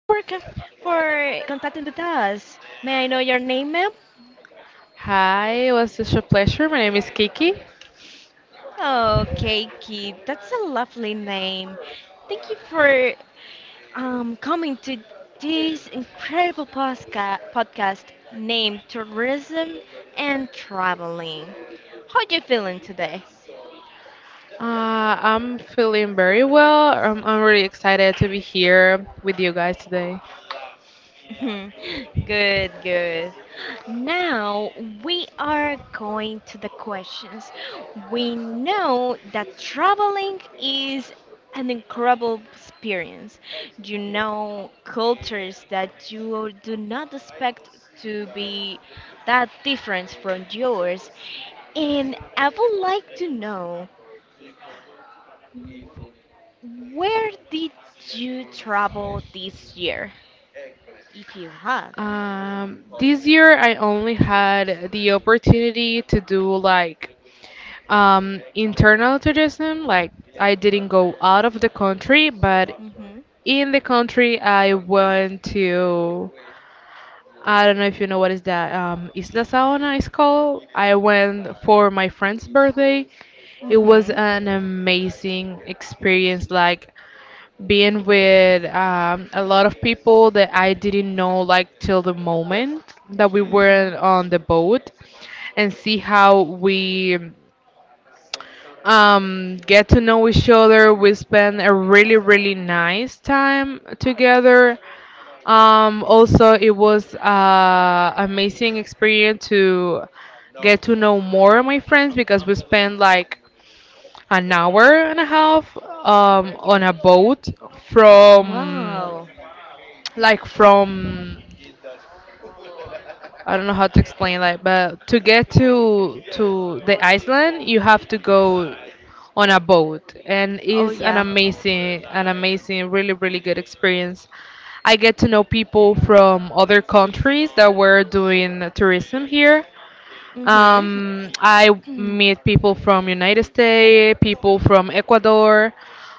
for contacting with us. May I know your name, ma'am? Hi, it was such a pleasure. My name is Kiki. Okay, Kid. That's a lovely name. Thank you for coming to this incredible podcast named Tourism and Traveling. How are you feeling today? I'm feeling very well. I'm really excited to be here with you guys today. Mhm. Good, good. Now we are going to the questions. We know that traveling is an incredible experience. You know cultures that you do not expect to be that different from yours. And I would like to know where did you travel this year, if you have? This year, I only had the opportunity to do like internal tourism. Like, I didn't go out of the country, but Mm-hmm. in the country, I went to I don't know if you know what is that. Isla Saona is called. I went for my friend's birthday. It was Mm-hmm. an amazing experience, like being with a lot of people that I didn't know, like till the moment that we Hmm. were on the boat, and see how we get to know each other. We spend a really really nice time together. Also, it was amazing experience to get to know more of my friends, because we spent like an hour and a half on a boat, from Wow. like from I don't know how to explain that, but to get to the island, you have to go on a boat, and Oh it's an yeah. amazing, an amazing, really, really good experience. I get to know people from other countries that were doing tourism here. I Mm-hmm. meet people from United States, people from Ecuador,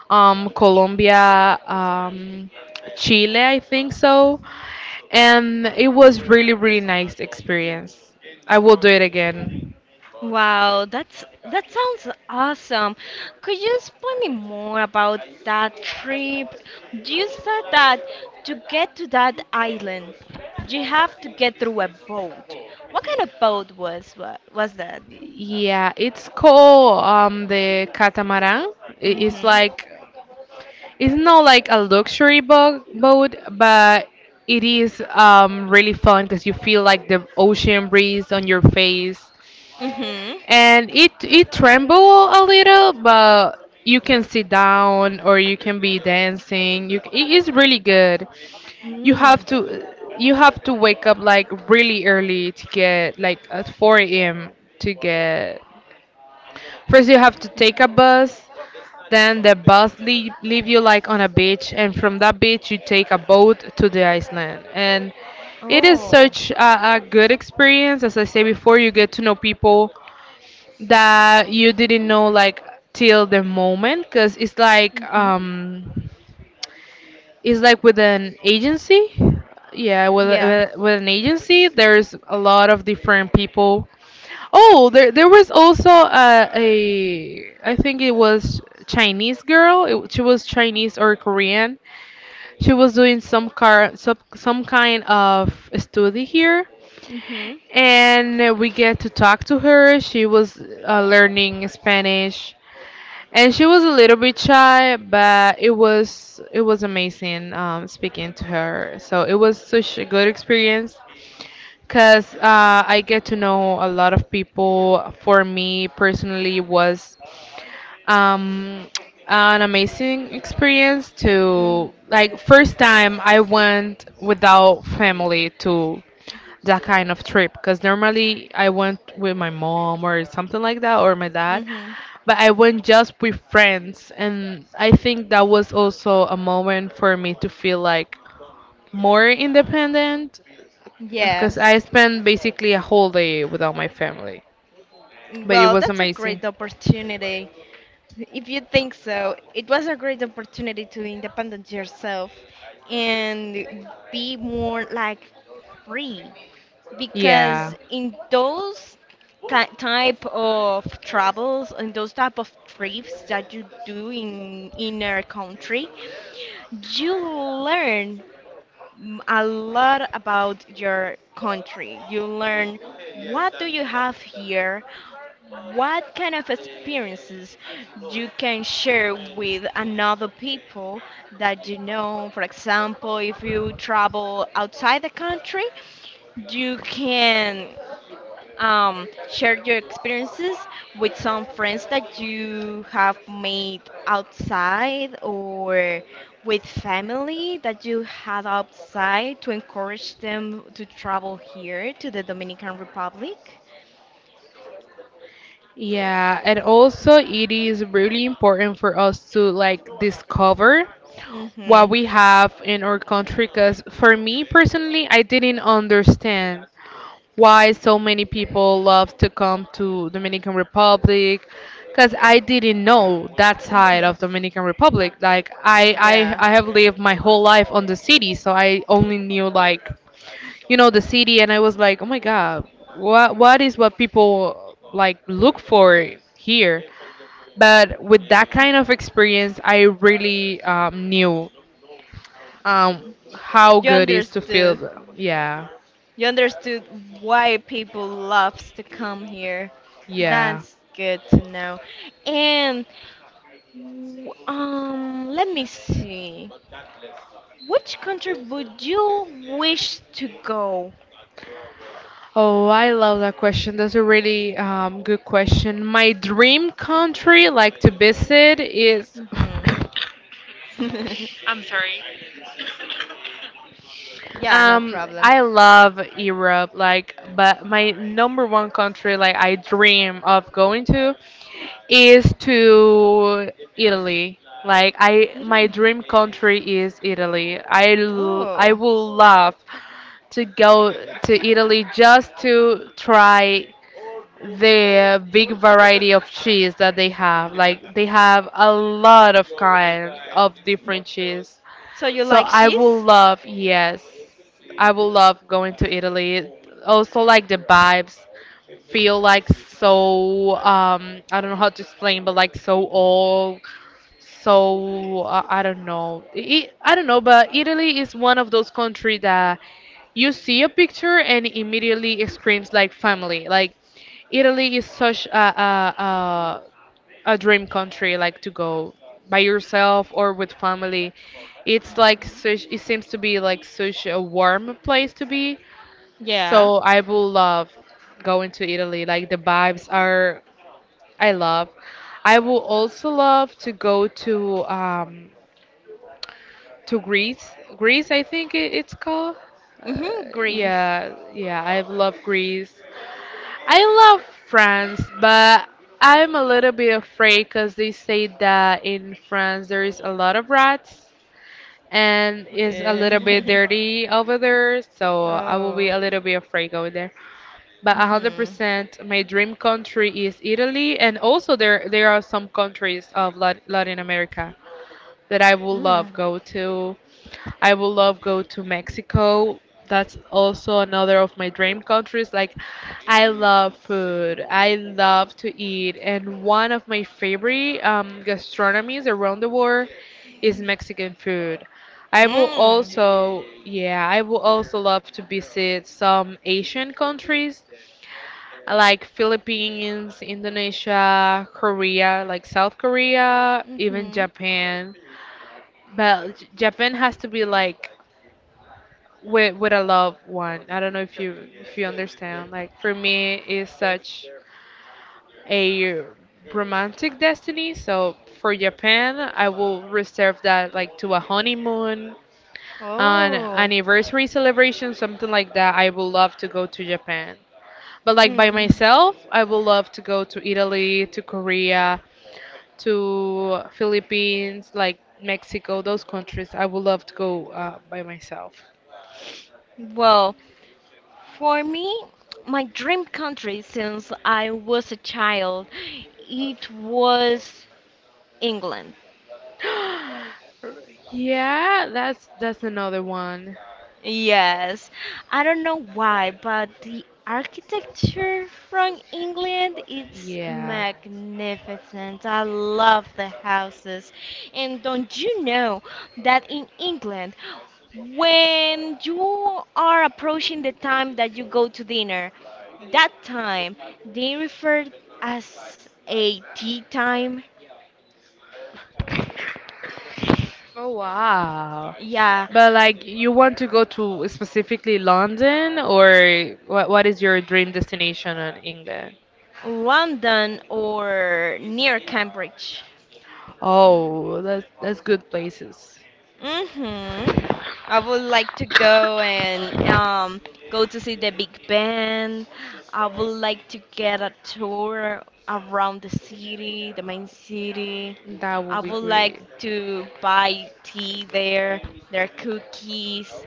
Colombia, Chile, I think so. And it was really, really nice experience. I will do it again. Wow, that sounds awesome. Could you explain me more about that trip? You said that to get to that island, you have to get through a boat. What kind of boat was was that? Yeah, it's called the catamaran. It's Mm-hmm. like it's not like a luxury boat, but it is really fun because you feel like the ocean breeze on your face. Mm-hmm. And it tremble a little, but you can sit down or you can be dancing. It is really good. You have Mm. to you have to wake up like really early to get like at 4 a.m. to get. First, you have to take a bus. Then the bus leave you like on a beach, and from that beach you take a boat to the island. And it is Oh. such a good experience. As I say before, you get to know people that you didn't know like till the moment, because Mm-hmm. It's like with an agency. Yeah, Yeah. with an agency there's a lot of different people. Oh, there was also a, I think it was Chinese girl. She was Chinese or Korean. She was doing some kind of study here, Mm-hmm. and we get to talk to her. She was learning Spanish, and she was a little bit shy, but it was amazing speaking to her, so it was such a good experience. Because I get to know a lot of people. For me personally, was um an amazing experience Mm. to like first time I went without family to that kind of trip, because normally I went with my mom or something like that, or my dad, Mm-hmm. but I went just with friends. And I think that was also a moment for me to feel like more independent, because Yes. I spent basically a whole day without my family, but it Well, was that's a amazing. great opportunity. If you think so, it was a great opportunity to independent yourself and be more like free Yeah. because in those type of travels and those type of trips that you do in inner country, you learn a lot about your country. You learn what do you have here, what kind of experiences you can share with another people that you know. For example, if you travel outside the country, you can share your experiences with some friends that you have made outside or with family that you had outside to encourage them to travel here to the Dominican Republic. Yeah, and also it is really important for us to like discover what Mhm. we have in our country, because for me personally, I didn't understand why so many people love to come to Dominican Republic, because I didn't know that side Mhm. of Dominican Republic. Like I, I Yeah. I have lived my whole life on the city, so I only knew like the city. And I was like, oh my god, what people like look for here. But with that kind of experience I really knew, um, how You good it is to feel. understood. Yeah. You understood why people loves to come here. Yeah. That's good to know. And let me see. Which country would you wish to go? Oh, I love that question. That's a really good question. My dream country, like, to visit is Hmm. I'm sorry. Yeah, no problem. I love Europe, like, but my number one country, like, I dream of going to is to Italy. Like, I my Italy. dream country is Italy. I Oh, would love to go to Italy just to try the big variety of cheese that they have. Like they have a lot of kind of different cheese. so you So like I will cheese? love, yes, I will love going to Italy. Also, like the vibes feel like so I don't know how to explain, but like so old. So I don't know. I don't know, but Italy is one of those countries that you see a picture and immediately it screams like family. Like Italy is such a dream country, like to go by yourself or with family. It's like such, it seems to be like such a warm place to be. Yeah. So I will love going to Italy. Like the vibes are, I love. I will also love to go to Greece. Greece, I think it's called. Hmm, Greece. Yeah, yeah, I love Greece. I love France, but I'm a little bit afraid because they say that in France there is a lot of rats and it's a little bit Yeah. dirty over there, so I will be Oh. a little bit afraid going there. But Hmm. 100% my dream country is Italy, and also there are some countries of Latin America that I would Mm. love go to. I would love go to Mexico. That's also another of my dream countries. Like I love food. I love to eat, and one of my favorite gastronomies around the world is Mexican food. Mm. I will also love to visit some Asian countries like Philippines, Indonesia, Korea, like South Korea, even Hmm. Japan. But Japan has to be like with a loved one. I don't know if you understand. Like for me, it's such a romantic destiny. So for Japan, I will reserve that like to a honeymoon, an Oh. anniversary celebration, something like that. I would love to go to Japan. But like by Mm. myself, I would love to go to Italy, to Korea, to Philippines, like Mexico, those countries. I would love to go by myself. Well, for me, my dream country since I was a child, it was England. Yeah, that's another one. Yes, I don't know why, but the architecture from England it's Yeah. magnificent. I love the houses. And don't you know that in England, when you are approaching the time that you go to dinner, that time they refer as a tea time. Oh wow. Yeah, But like you want to go to specifically London, or what is your dream destination in England? London or near Cambridge. Oh, that's good places. Mm-hmm. I would like to go and go to see the Big Band. I would like to get a tour around the city, the main city. That I would be would like great. to buy tea there, their cookies.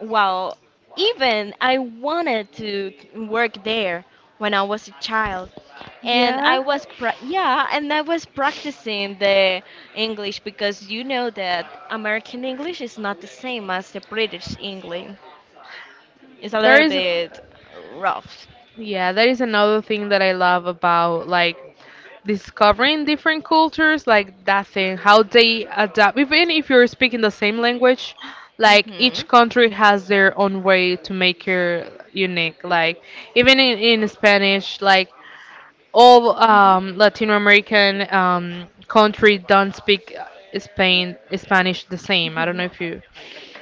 Well, even I wanted to work there when I was a child. And Yeah. I was practicing the English because you know that American English is not the same as the British English. It's a There little is bit rough. Yeah, that is another thing that I love about like discovering different cultures, like that thing, how they adapt. Even if you're speaking the same language, like each Mhm. country has their own way to make it unique. Like even in Spanish, like all Latin American country don't speak Spain Spanish the same. I don't know Mhm. if you.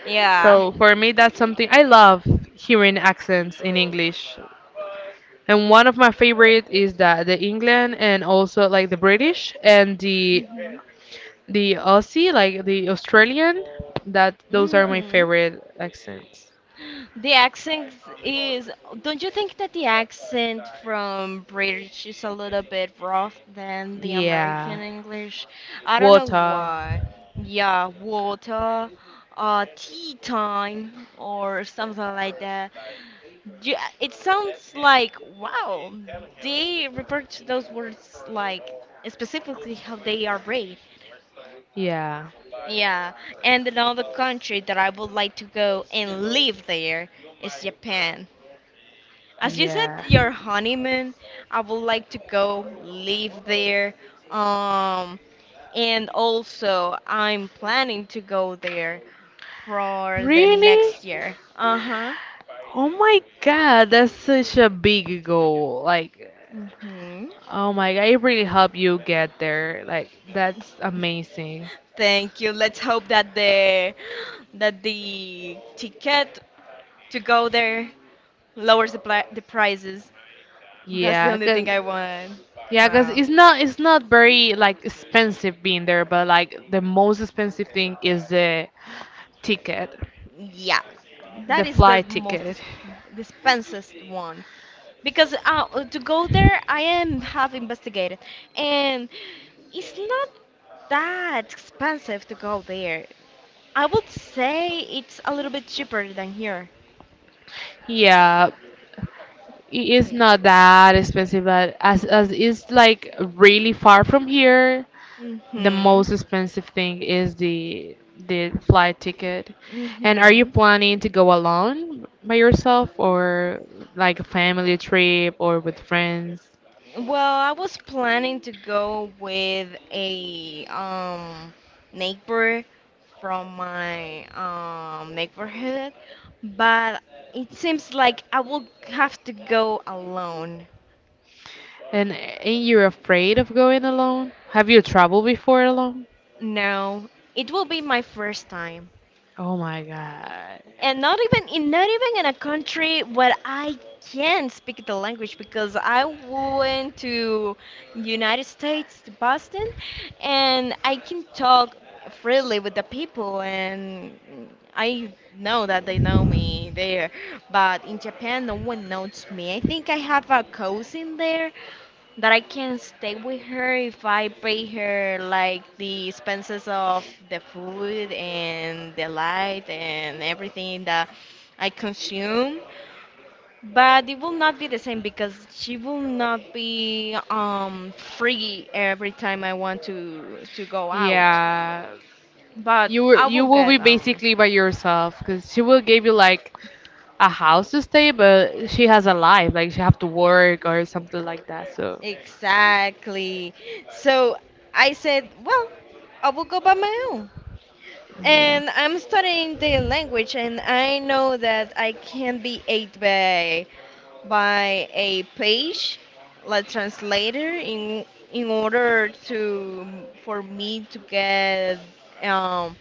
Yeah. So for me, that's something I love hearing accents in English. And one of my favorite is that the England, and also like the British and the Mhm. Aussie, like the Australian, that those are my Mhm. favorite accents. The accent is, don't you think that the accent from British is a little bit rough than the Yeah. American English? I don't know Water. why. Yeah, water, tea time, or something like that. It sounds like, wow, they refer to those words like specifically how they are read. Yeah. Yeah, and another country that I would like to go and live there is Japan. As you said, Yeah. your honeymoon, I would like to go live there. Um, and also, I'm planning to go there for the Really? next year. Uh-huh. Oh my God, that's such a big goal. Like, Hmm. oh my God, it really helped you get there. Like, that's amazing. Thank you. Let's hope that the ticket to go there lowers the prices. That's the Yeah, only cause thing I want. yeah, 'cause Wow. it's not very like expensive being there, but like the most expensive thing is the ticket, Yeah. That the is the flight most ticket. The expensive one. Because to go there I am have investigated and it's not that expensive to go there. I would say it's a little bit cheaper than here. Yeah, it is Mm. not that expensive, but as it's like really far from here. The Mhm. most expensive thing is the flight ticket. And are you Mhm. planning to go alone by yourself, or like a family trip or with friends? Well, I was planning to go with a neighbor from my neighborhood, but it seems like I will have to go alone. And ain't you afraid of going alone? Have you traveled before alone? No, it will be my first time. Oh my God. And not even in a country where I can speak the language because I went to United States to Boston and I can talk freely with the people and I know that they know me there. But in Japan no one knows me. I think I have a cousin there that I can stay with her if I pay her like the expenses of the food and the light and everything that I consume. But it will not be the same because she will not be free every time I want to go out. Yeah. But I You will will be get basically by yourself, because she will give you like a house to stay, but she has a life, like she have to work or something like that. So exactly. So I said, well, I will go by my own. yeah. And I'm studying the language, and I know that I can be aided by a page, like translator, in order to for me to get um,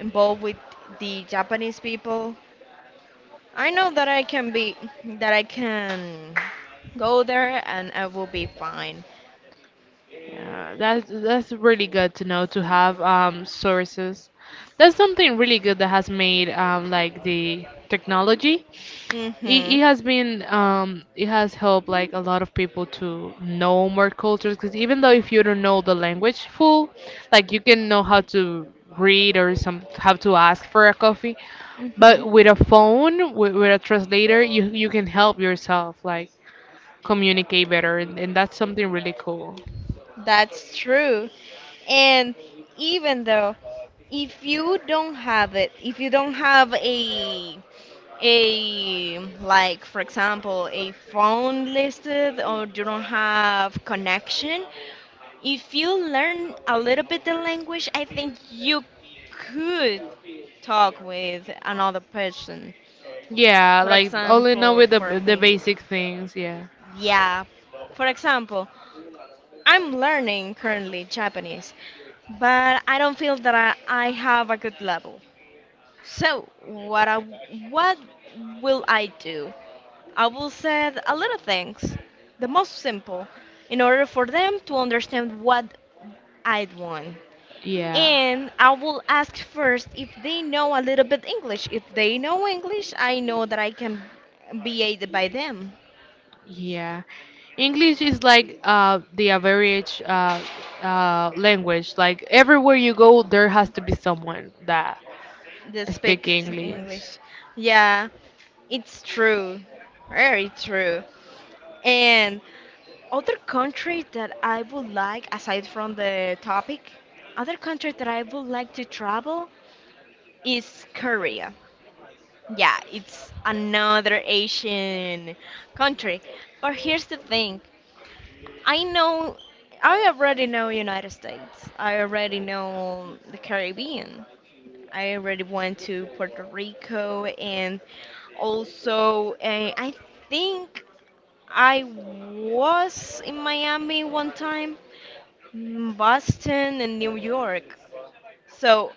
involved with the Japanese people. I know that I can be that I can go there, and I will be fine. Yeah, that's really good to know to have sources. That's something really good that has made, like the technology. It Mhm. has been it has helped like a lot of people to know more cultures, because even though if you don't know the language full, like you can know how to read or some how to ask for a coffee, Mhm. but with a phone with a translator, you can help yourself like communicate better, and that's something really cool. That's true. And even though if you don't have it, if you don't have a like for example a phone listed or you don't have connection, if you learn a little bit the language, I think you could talk with another person. Yeah, For like only know example, with the for the me, basic things. Yeah, yeah. For example, I'm learning currently Japanese, but I don't feel that I have a good level. So what will I do? I will say a little things, the most simple, in order for them to understand what I want. yeah, And I will ask first if they know a little bit English. If they know English, I know that I can be aided by them. yeah. English is like the average language. Like everywhere you go, there has to be someone that They speak speak English. English. Yeah, it's true, very true. And other country that I would like, aside from the topic, other country that I would like to travel is Korea. Yeah, it's another Asian country. But here's the thing. I know, I already know United States. I already know the Caribbean. I already went to Puerto Rico and also I think I was in Miami one time, Boston, and New York. So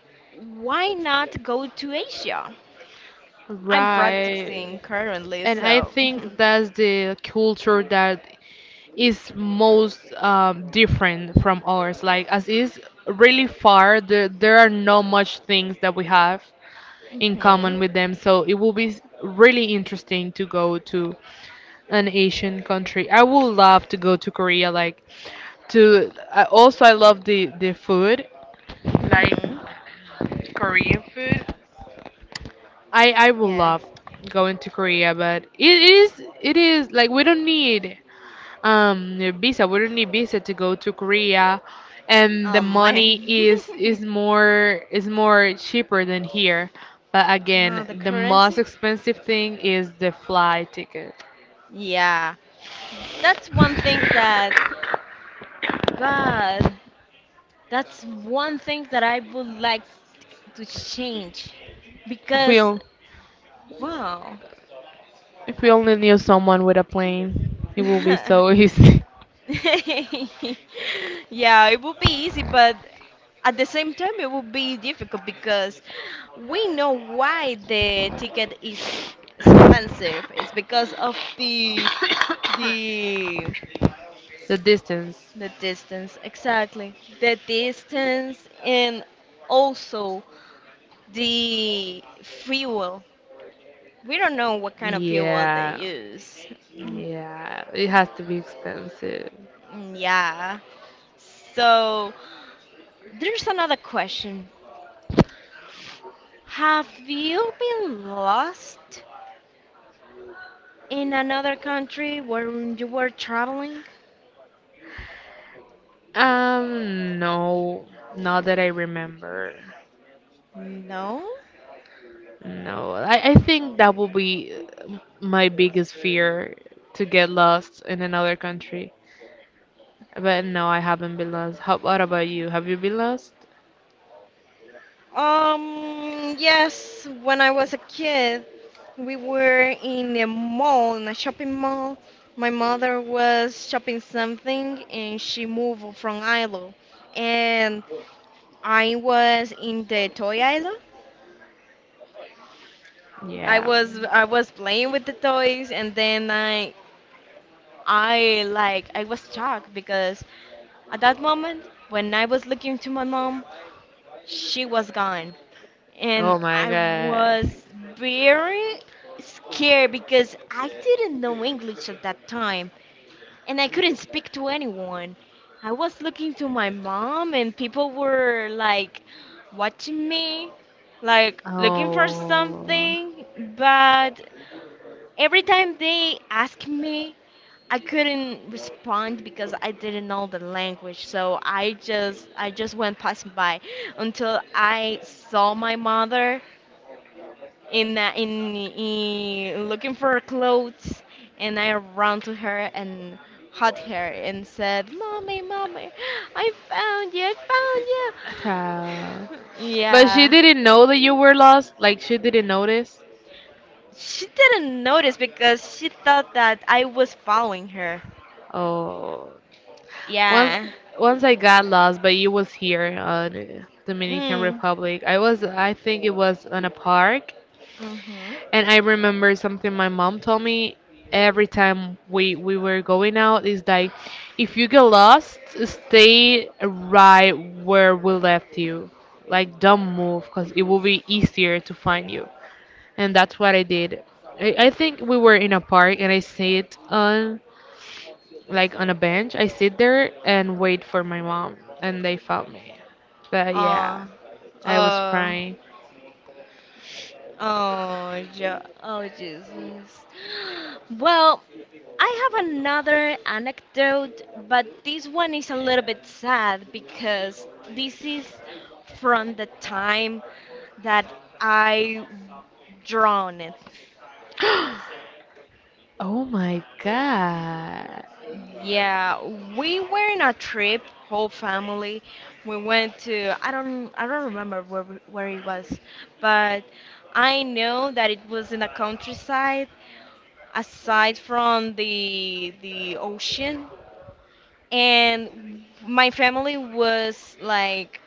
why not go to Asia? I'm Right. practicing currently, And I so. think that's the culture that is most different from ours. Like, as is really far, there are not much things that we have in Mhm. common with them. So it will be really interesting to go to an Asian country. I would love to go to Korea. Like to I also, I love the food, like Mhm. Korean food. I would Yes. love going to Korea, but it is like we don't need visa. We don't need visa to go to Korea, and the My. money is is more cheaper than here. But Uh, again, the the most currency? expensive thing is the flight ticket. Yeah. That's one thing that. God, that's one thing that I would like to change If we because on- wow. if we only knew someone with a plane, it would be so easy. Yeah, it would be easy, but at the same time, it would be difficult because we know why the ticket is expensive. It's because of the The distance. the distance, exactly. The distance and also the fuel. We don't know what kind of fuel they Yeah. use. Yeah. It has to be expensive. Mm, yeah. So there's another question. Have you been lost in another country when you were traveling? No. Not that I remember. No? No, I think that will be my biggest fear to get lost in another country. But no, I haven't been lost. What about you? Have you been lost? Yes, when I was a kid, we were in a mall, in a shopping mall. My mother was shopping something and she moved from Ilo. And I was in the toy aisle. Yeah. I was playing with the toys and then I was shocked because at that moment, when I was looking to my mom, she was gone. And Oh my I god. was very scared because I didn't know English at that time and I couldn't speak to anyone. I was looking to my mom, and people were like watching me, like looking for Oh. something. But every time they asked me I couldn't respond because I didn't know the language, so I just went passing by until I saw my mother in looking for clothes, and I ran to her and hugged her and said, "Mommy, mommy, I found you! I How? found you!" But she Yeah, didn't know that you were lost. Like she didn't notice. she didn't notice because she thought that I was following her. Oh. Once Yeah. once I got lost, but you was here, the Dominican Mm. Republic. I think it was on a park. Mhm. And I remember something my mom told me every time we were going out is like, if you get lost, stay right where we left you. Like, don't move, because it will be easier to find you. And that's what I did. I think we were in a park and I sit on a bench. I sit there and wait for my mom, and they found me. But yeah, Oh, I was oh, crying. oh, yeah, oh, Jesus. Well, I have another anecdote, but this one is a little bit sad because this is from the time that I drawn it. Oh my god. Yeah, we were in a trip, whole family. We went to I don't remember where it was, but I know that it was in the countryside aside from the ocean and my family was like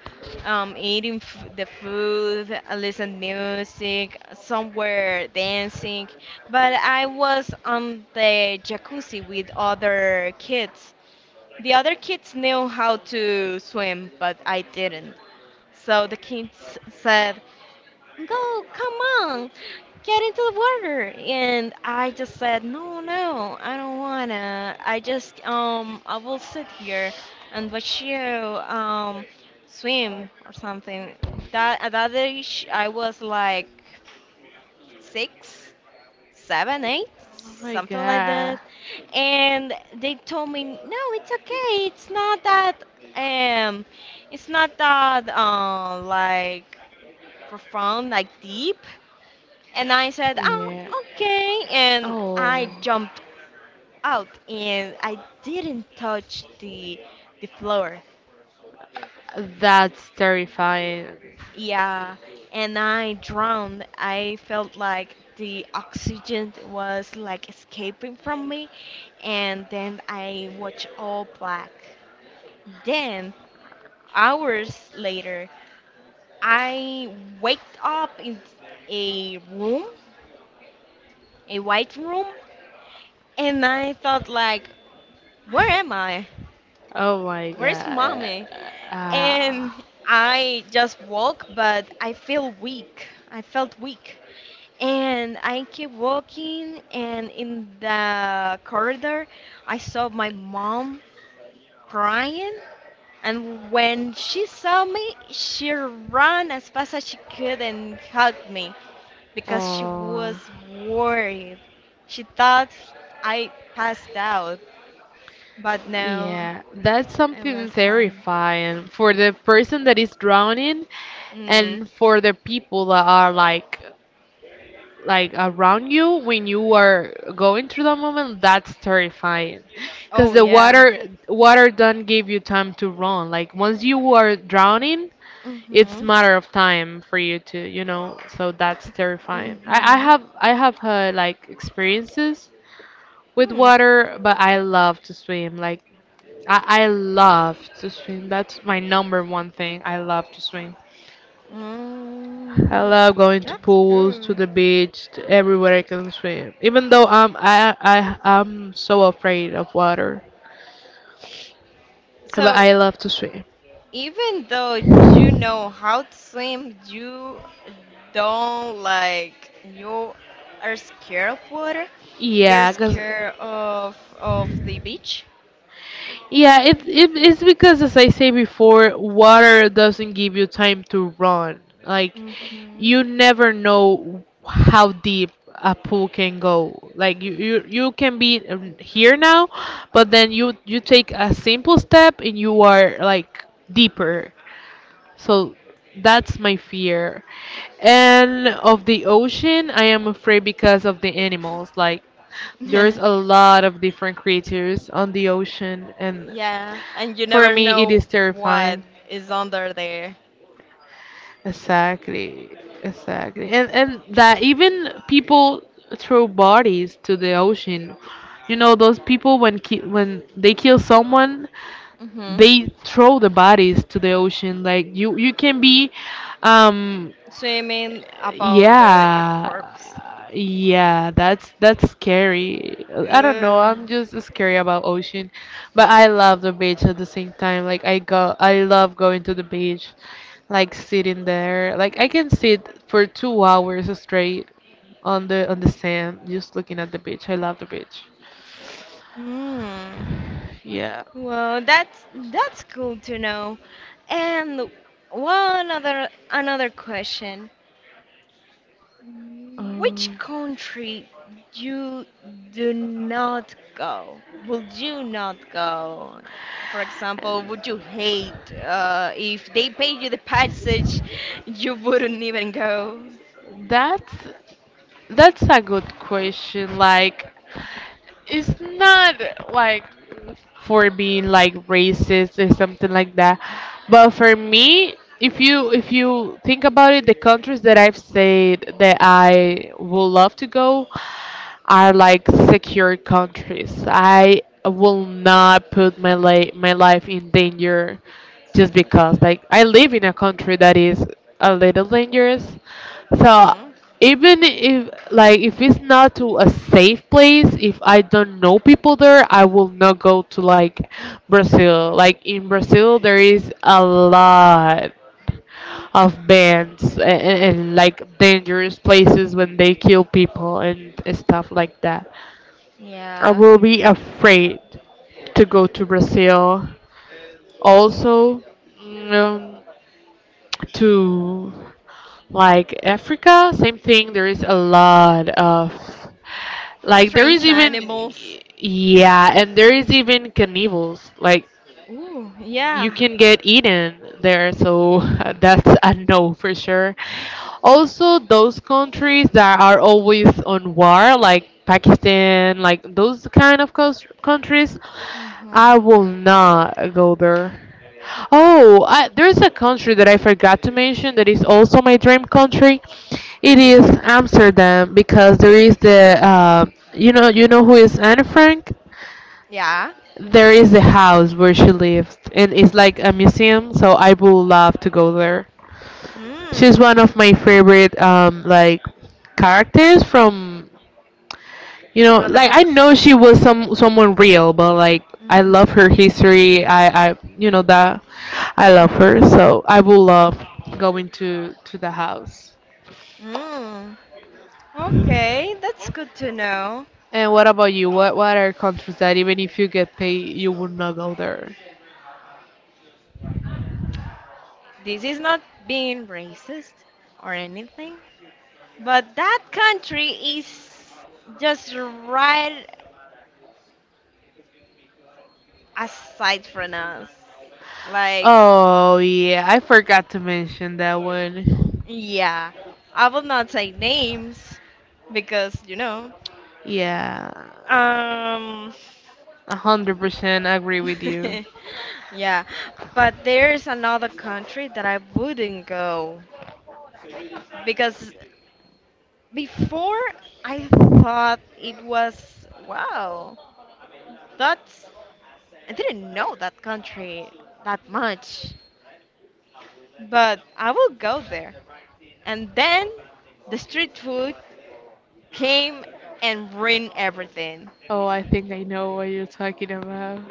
eating the food, listen music, somewhere dancing, but I was on the jacuzzi with other kids. The other kids knew how to swim, but I didn't. So the kids said, "Go, come on, get into the water." And I just said, "No, no, I don't wanna. I just, I will sit here and watch you, swim or something." That at that age, I was like six, seven, eight, Oh my something like that. god. And they told me, "No, it's okay. Um, it's not that, like profound, like deep." And I said, "Oh, Yeah. okay." And Oh, I jumped out and I didn't touch the floor. that's terrifying. Yeah. And I drowned. I felt like the oxygen was like escaping from me. And then I watched all black. Then, hours later, I waked up in a room, a white room, and I thought like, where am I? Oh my Where's God. mommy? Ah. And I just walk, but I feel weak. I felt weak. And I keep walking, and in the corridor, I saw my mom crying. And when she saw me, she ran as fast as she could and hugged me because she Oh, was worried. She thought I passed out, but no, yeah. That's I something was fine. terrifying for the person that is drowning Mm. and for the people that are like around you when you are going through that moment. That's terrifying because Oh the yeah. water don't give you time to run. Like once you are drowning, it's Mhm. matter of time for you to. So that's terrifying. i, I Mhm. have i have had like experiences with Hmm. water, but I love to swim. Like I love to swim. That's my number one thing. I love to swim. I Mm, love going to that's pools, to good. the beach, to everywhere I can swim, even though I'm I I'm so afraid of water, but So I love to swim. even though you know how to swim, you don't like you are scared of water. You're Yeah, cause. scared of the beach. Yeah, it's because as I say before, water doesn't give you time to run. Like Mhm. you never know how deep a pool can go. Like you can be here now, but then you take a simple step and you are like deeper. So that's my fear. And of the ocean, I am afraid because of the animals. Like there's a lot of different creatures on the ocean, and Yeah, and you for never me, it know is what terrifying. is under there. Exactly, exactly, and that even people throw bodies to the ocean. You know those people when they kill someone, Mhm. they throw the bodies to the ocean. Like you can be, um, Swimming above the a yeah, corpse. yeah, that's scary. I don't know, Ugh. I'm just scary about ocean, but I love the beach at the same time. Like I love going to the beach, like sitting there. Like I can sit for 2 hours straight on the sand, just looking at the beach. I love the beach. Hmm. Yeah. Well, that's cool to know. And one other another question. Which Um, country you do not go? Would you not go? For example, would you hate if they paid you the passage, you wouldn't even go? that's that's a good question. Like it's not like for being like racist or something like that. But for me, if you think about it, the countries that I've said that I would love to go are like secure countries. I will not put my life in danger just because like I live in a country that is a little dangerous. So Mm. even if it's not to a safe place, if I don't know people there, I will not go to like Brazil. Like in Brazil, there is a lot of bands, and like dangerous places when they kill people and stuff like that. I Yeah. will be afraid to go to Brazil. Also, um, to like Africa, same thing. There is a lot of, like, there is Strange even, animals. yeah, and there is even carnivals. Like Ooh, you yeah. can get eaten there, so that's a no for sure. Also, those countries that are always on war, like Pakistan, like those kind of countries, Mm-hmm. I will not go there. Oh, there's a country that I forgot to mention that is also my dream country. It Which is? is Amsterdam because there is the you know who is Anne Frank? Yeah. There is the house where she lives, and it's like a museum, so I would love to go there. Mm, She's one of my favorite like characters from from the like I books. know she was someone real, but like I love Mhm. her history. I you know that I love her, Mhm. so I would love going to the house. Mm. Okay, that's good to know. And what about you? What are countries that even if you get paid, you would not go there? This is not being racist or anything, but that country is just right aside from us. Like, Oh yeah, I forgot to mention that one. yeah, I will not say names because, you know. Yeah, Um, 100% agree with you. Yeah, but there's another country that I wouldn't go because before I thought it was, wow, that's, I didn't know that country that much, but I will go there. And then the street food came and ruined everything. Oh, I think I know what you're talking about.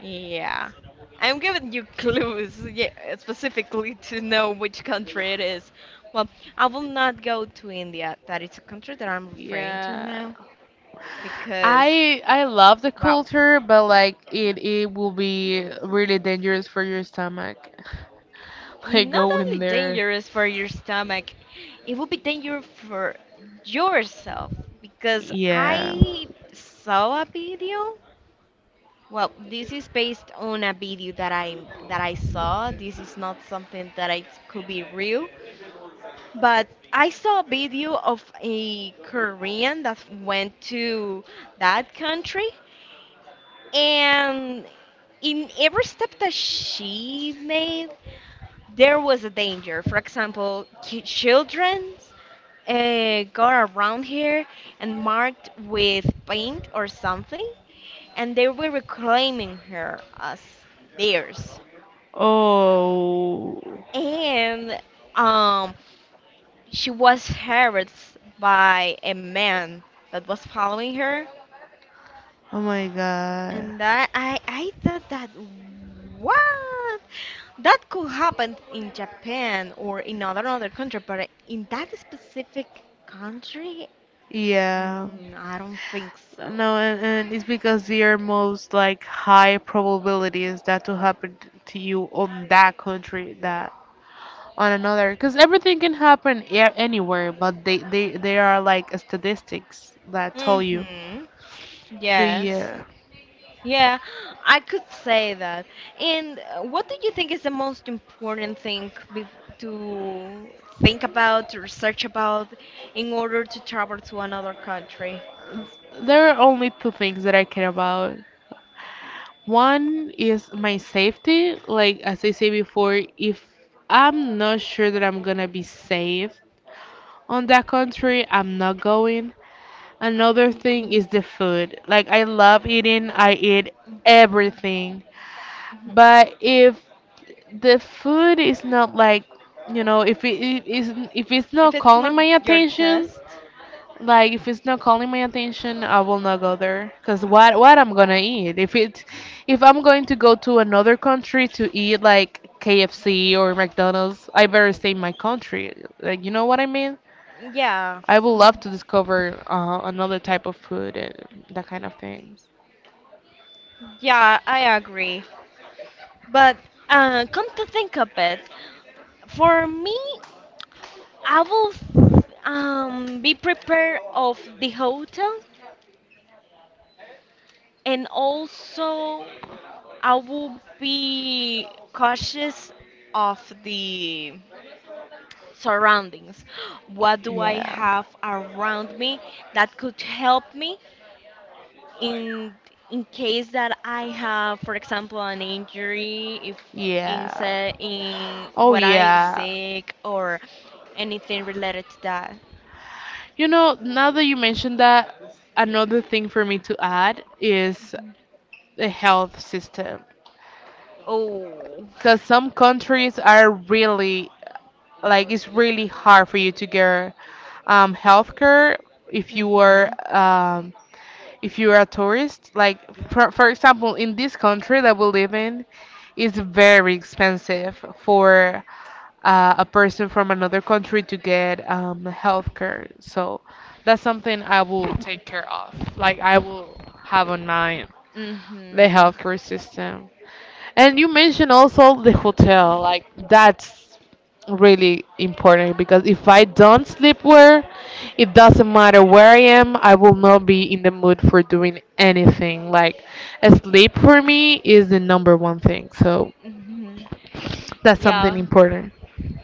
Yeah. I'm giving you clues, yeah, specifically to know which country it is. Well, I will not go to India. That is a country that I'm referring to Yeah. now because, I love the wow, culture, but like it will be really dangerous for your stomach. Like not go in only there. dangerous for your stomach, it will be dangerous for yourself because Yeah. I saw a video. Well, this is based on a video that I saw. This is not something that I could be real. But I saw a video of a Korean that went to that country, and in every step that she made, there was a danger. For example, children got around here and marked with paint or something, and they were reclaiming her as theirs. Oh. And um, she was harassed by a man that was following her, Oh my god. and that I thought that what that could happen in Japan or in other another country, but in that specific country, Yeah. mm, I don't think so. No, and it's because they are most like high probabilities that to happen to you on that country that on another, because everything can happen anywhere, but they are like statistics that tell you. Mhm. But Yes. yeah. Yeah, I could say that. And what do you think is the most important thing bef to think about, to research about, in order to travel to another country? There are only two things that I care about. One is my safety. Like as I said before, if I'm not sure that I'm gonna be safe on that country, I'm not going. Another thing Hmm. is the food. Like I love eating, I eat Hmm. everything. Hmm. But if the food is not like, if it's If not it's calling not my your attention, test, like if it's not calling my attention, I will not go there. Cause what I'm gonna eat? If I'm going to go to another country to eat like KFC or McDonald's, I better stay in my country. Like you know what I mean? yeah, I would love to discover another type of food and that kind of things. yeah, I agree. But come to think of it, for me, I will be prepared of the hotel and also. I will be cautious of the surroundings. What do I Yeah. have around me that could help me in in case that I have, for example, an injury, if Yeah. In Oh, when I'm yeah. sick or anything related to that. You know, now that you mentioned that, another thing for me to add is Mhm. the health system. Oh. Because some countries are really, like, it's really hard for you to get health care if you were Mhm. If you're a tourist, like for example, in this country that we live in, it's very expensive for a person from another country to get health care. So that's something I will take care of. Like I will have on mind the Mhm. healthcare system. And you mentioned also the hotel, like that's really important because if I don't sleep well, it doesn't matter where I am, I will not be in the mood for doing anything. Like sleep for me is the number one thing. So Mhm. that's something Yeah. important.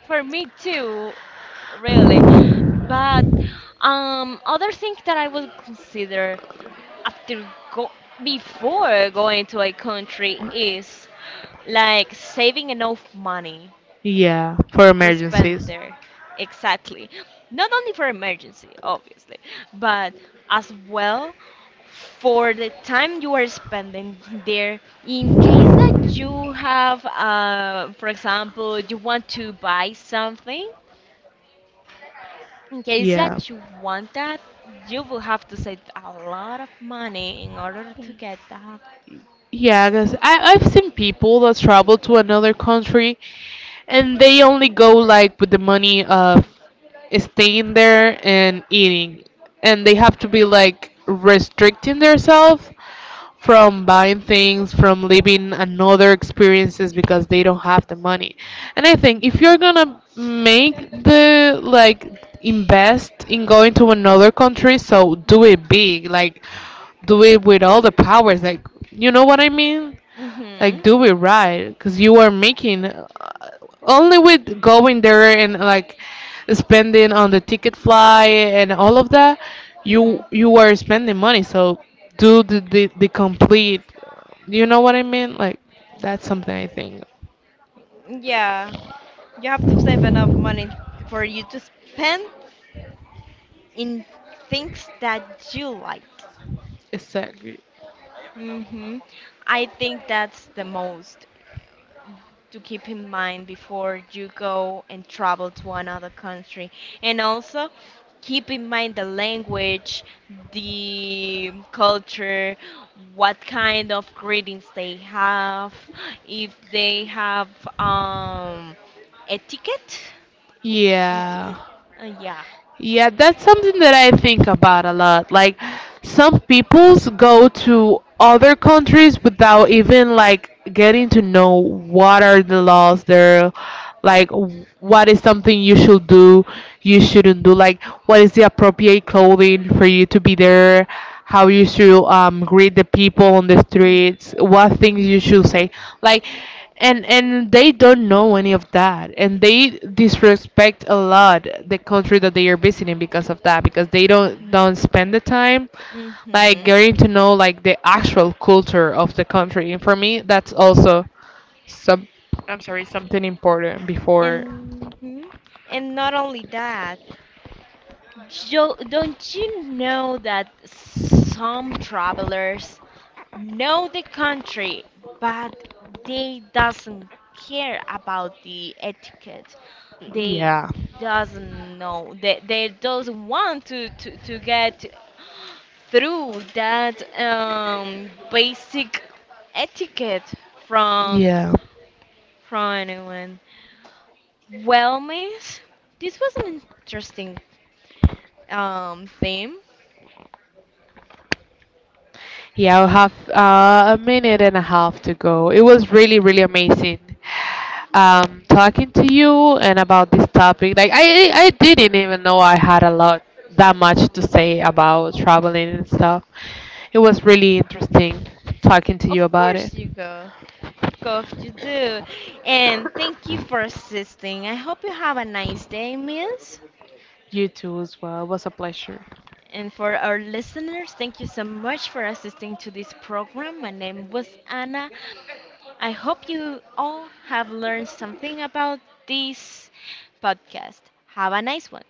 For me too, really. But other thing that I would consider after go before going to a country is like saving enough money Yeah, for to spend emergencies. there. Exactly. Not only for emergency, obviously, but as well for the time you are spending there in case that you have for example you want to buy something in case Yeah. that you want that, you will have to save a lot of money in order to get that. Yeah, because I've seen people that travel to another country and they only go like with the money of staying there and eating, and they have to be like restricting themselves from buying things, from living another experiences, because they don't have the money. And I think if Mhm. you're gonna make the like invest in going to another country, so do it big, like do it with all the powers, like you know what I mean? Like Mhm. do it right, because you are making only with going there and like spending on the ticket fly and all of that, you Mhm. you are spending money. So do the complete, you know what I mean? Like that's something I think, Yeah, you have to save enough money for you to spend. In things that you like. exactly, Mhm. I think that's the most. To keep in mind before you go and travel to another country. And also, keep in mind the language, the culture, what kind of greetings they have, if they have um, etiquette. Yeah. Etiquette? Yeah. Yeah, that's something that I think about a lot. Like, some peoples go to other countries without even like getting to know what are the laws there, like what is something you should do, you shouldn't do, like what is the appropriate clothing for you to be there, how you should Mhm. Greet the people on the Mm. streets, what things you Mhm. should say. Like and they don't know any of that, and they disrespect a lot the country that they are visiting, because of that, because they don't Mhm. don't spend the time like Mhm. getting to know like the actual culture of the country, and for me that's also some I'm sorry, something important before. And mhm. And not only that, don't you know that some travelers know the country, but they doesn't care about the etiquette. They Yeah, doesn't know. They doesn't want to get through that basic etiquette from yeah. Anyone. Well, miss, this was an interesting theme. Yeah, I'll have a minute and a half to go. It was really, really amazing talking to you and about this topic. Like I didn't even know I had a lot that much to say about traveling and stuff. It was really interesting talking to you Of about it. course you go. Of course you do. And thank you for assisting. I hope you have a nice day, miss. You too as well. It was a pleasure. And for our listeners, thank you so much for assisting to this program. My name was Anna. I hope you all have learned something about this podcast. Have a nice one.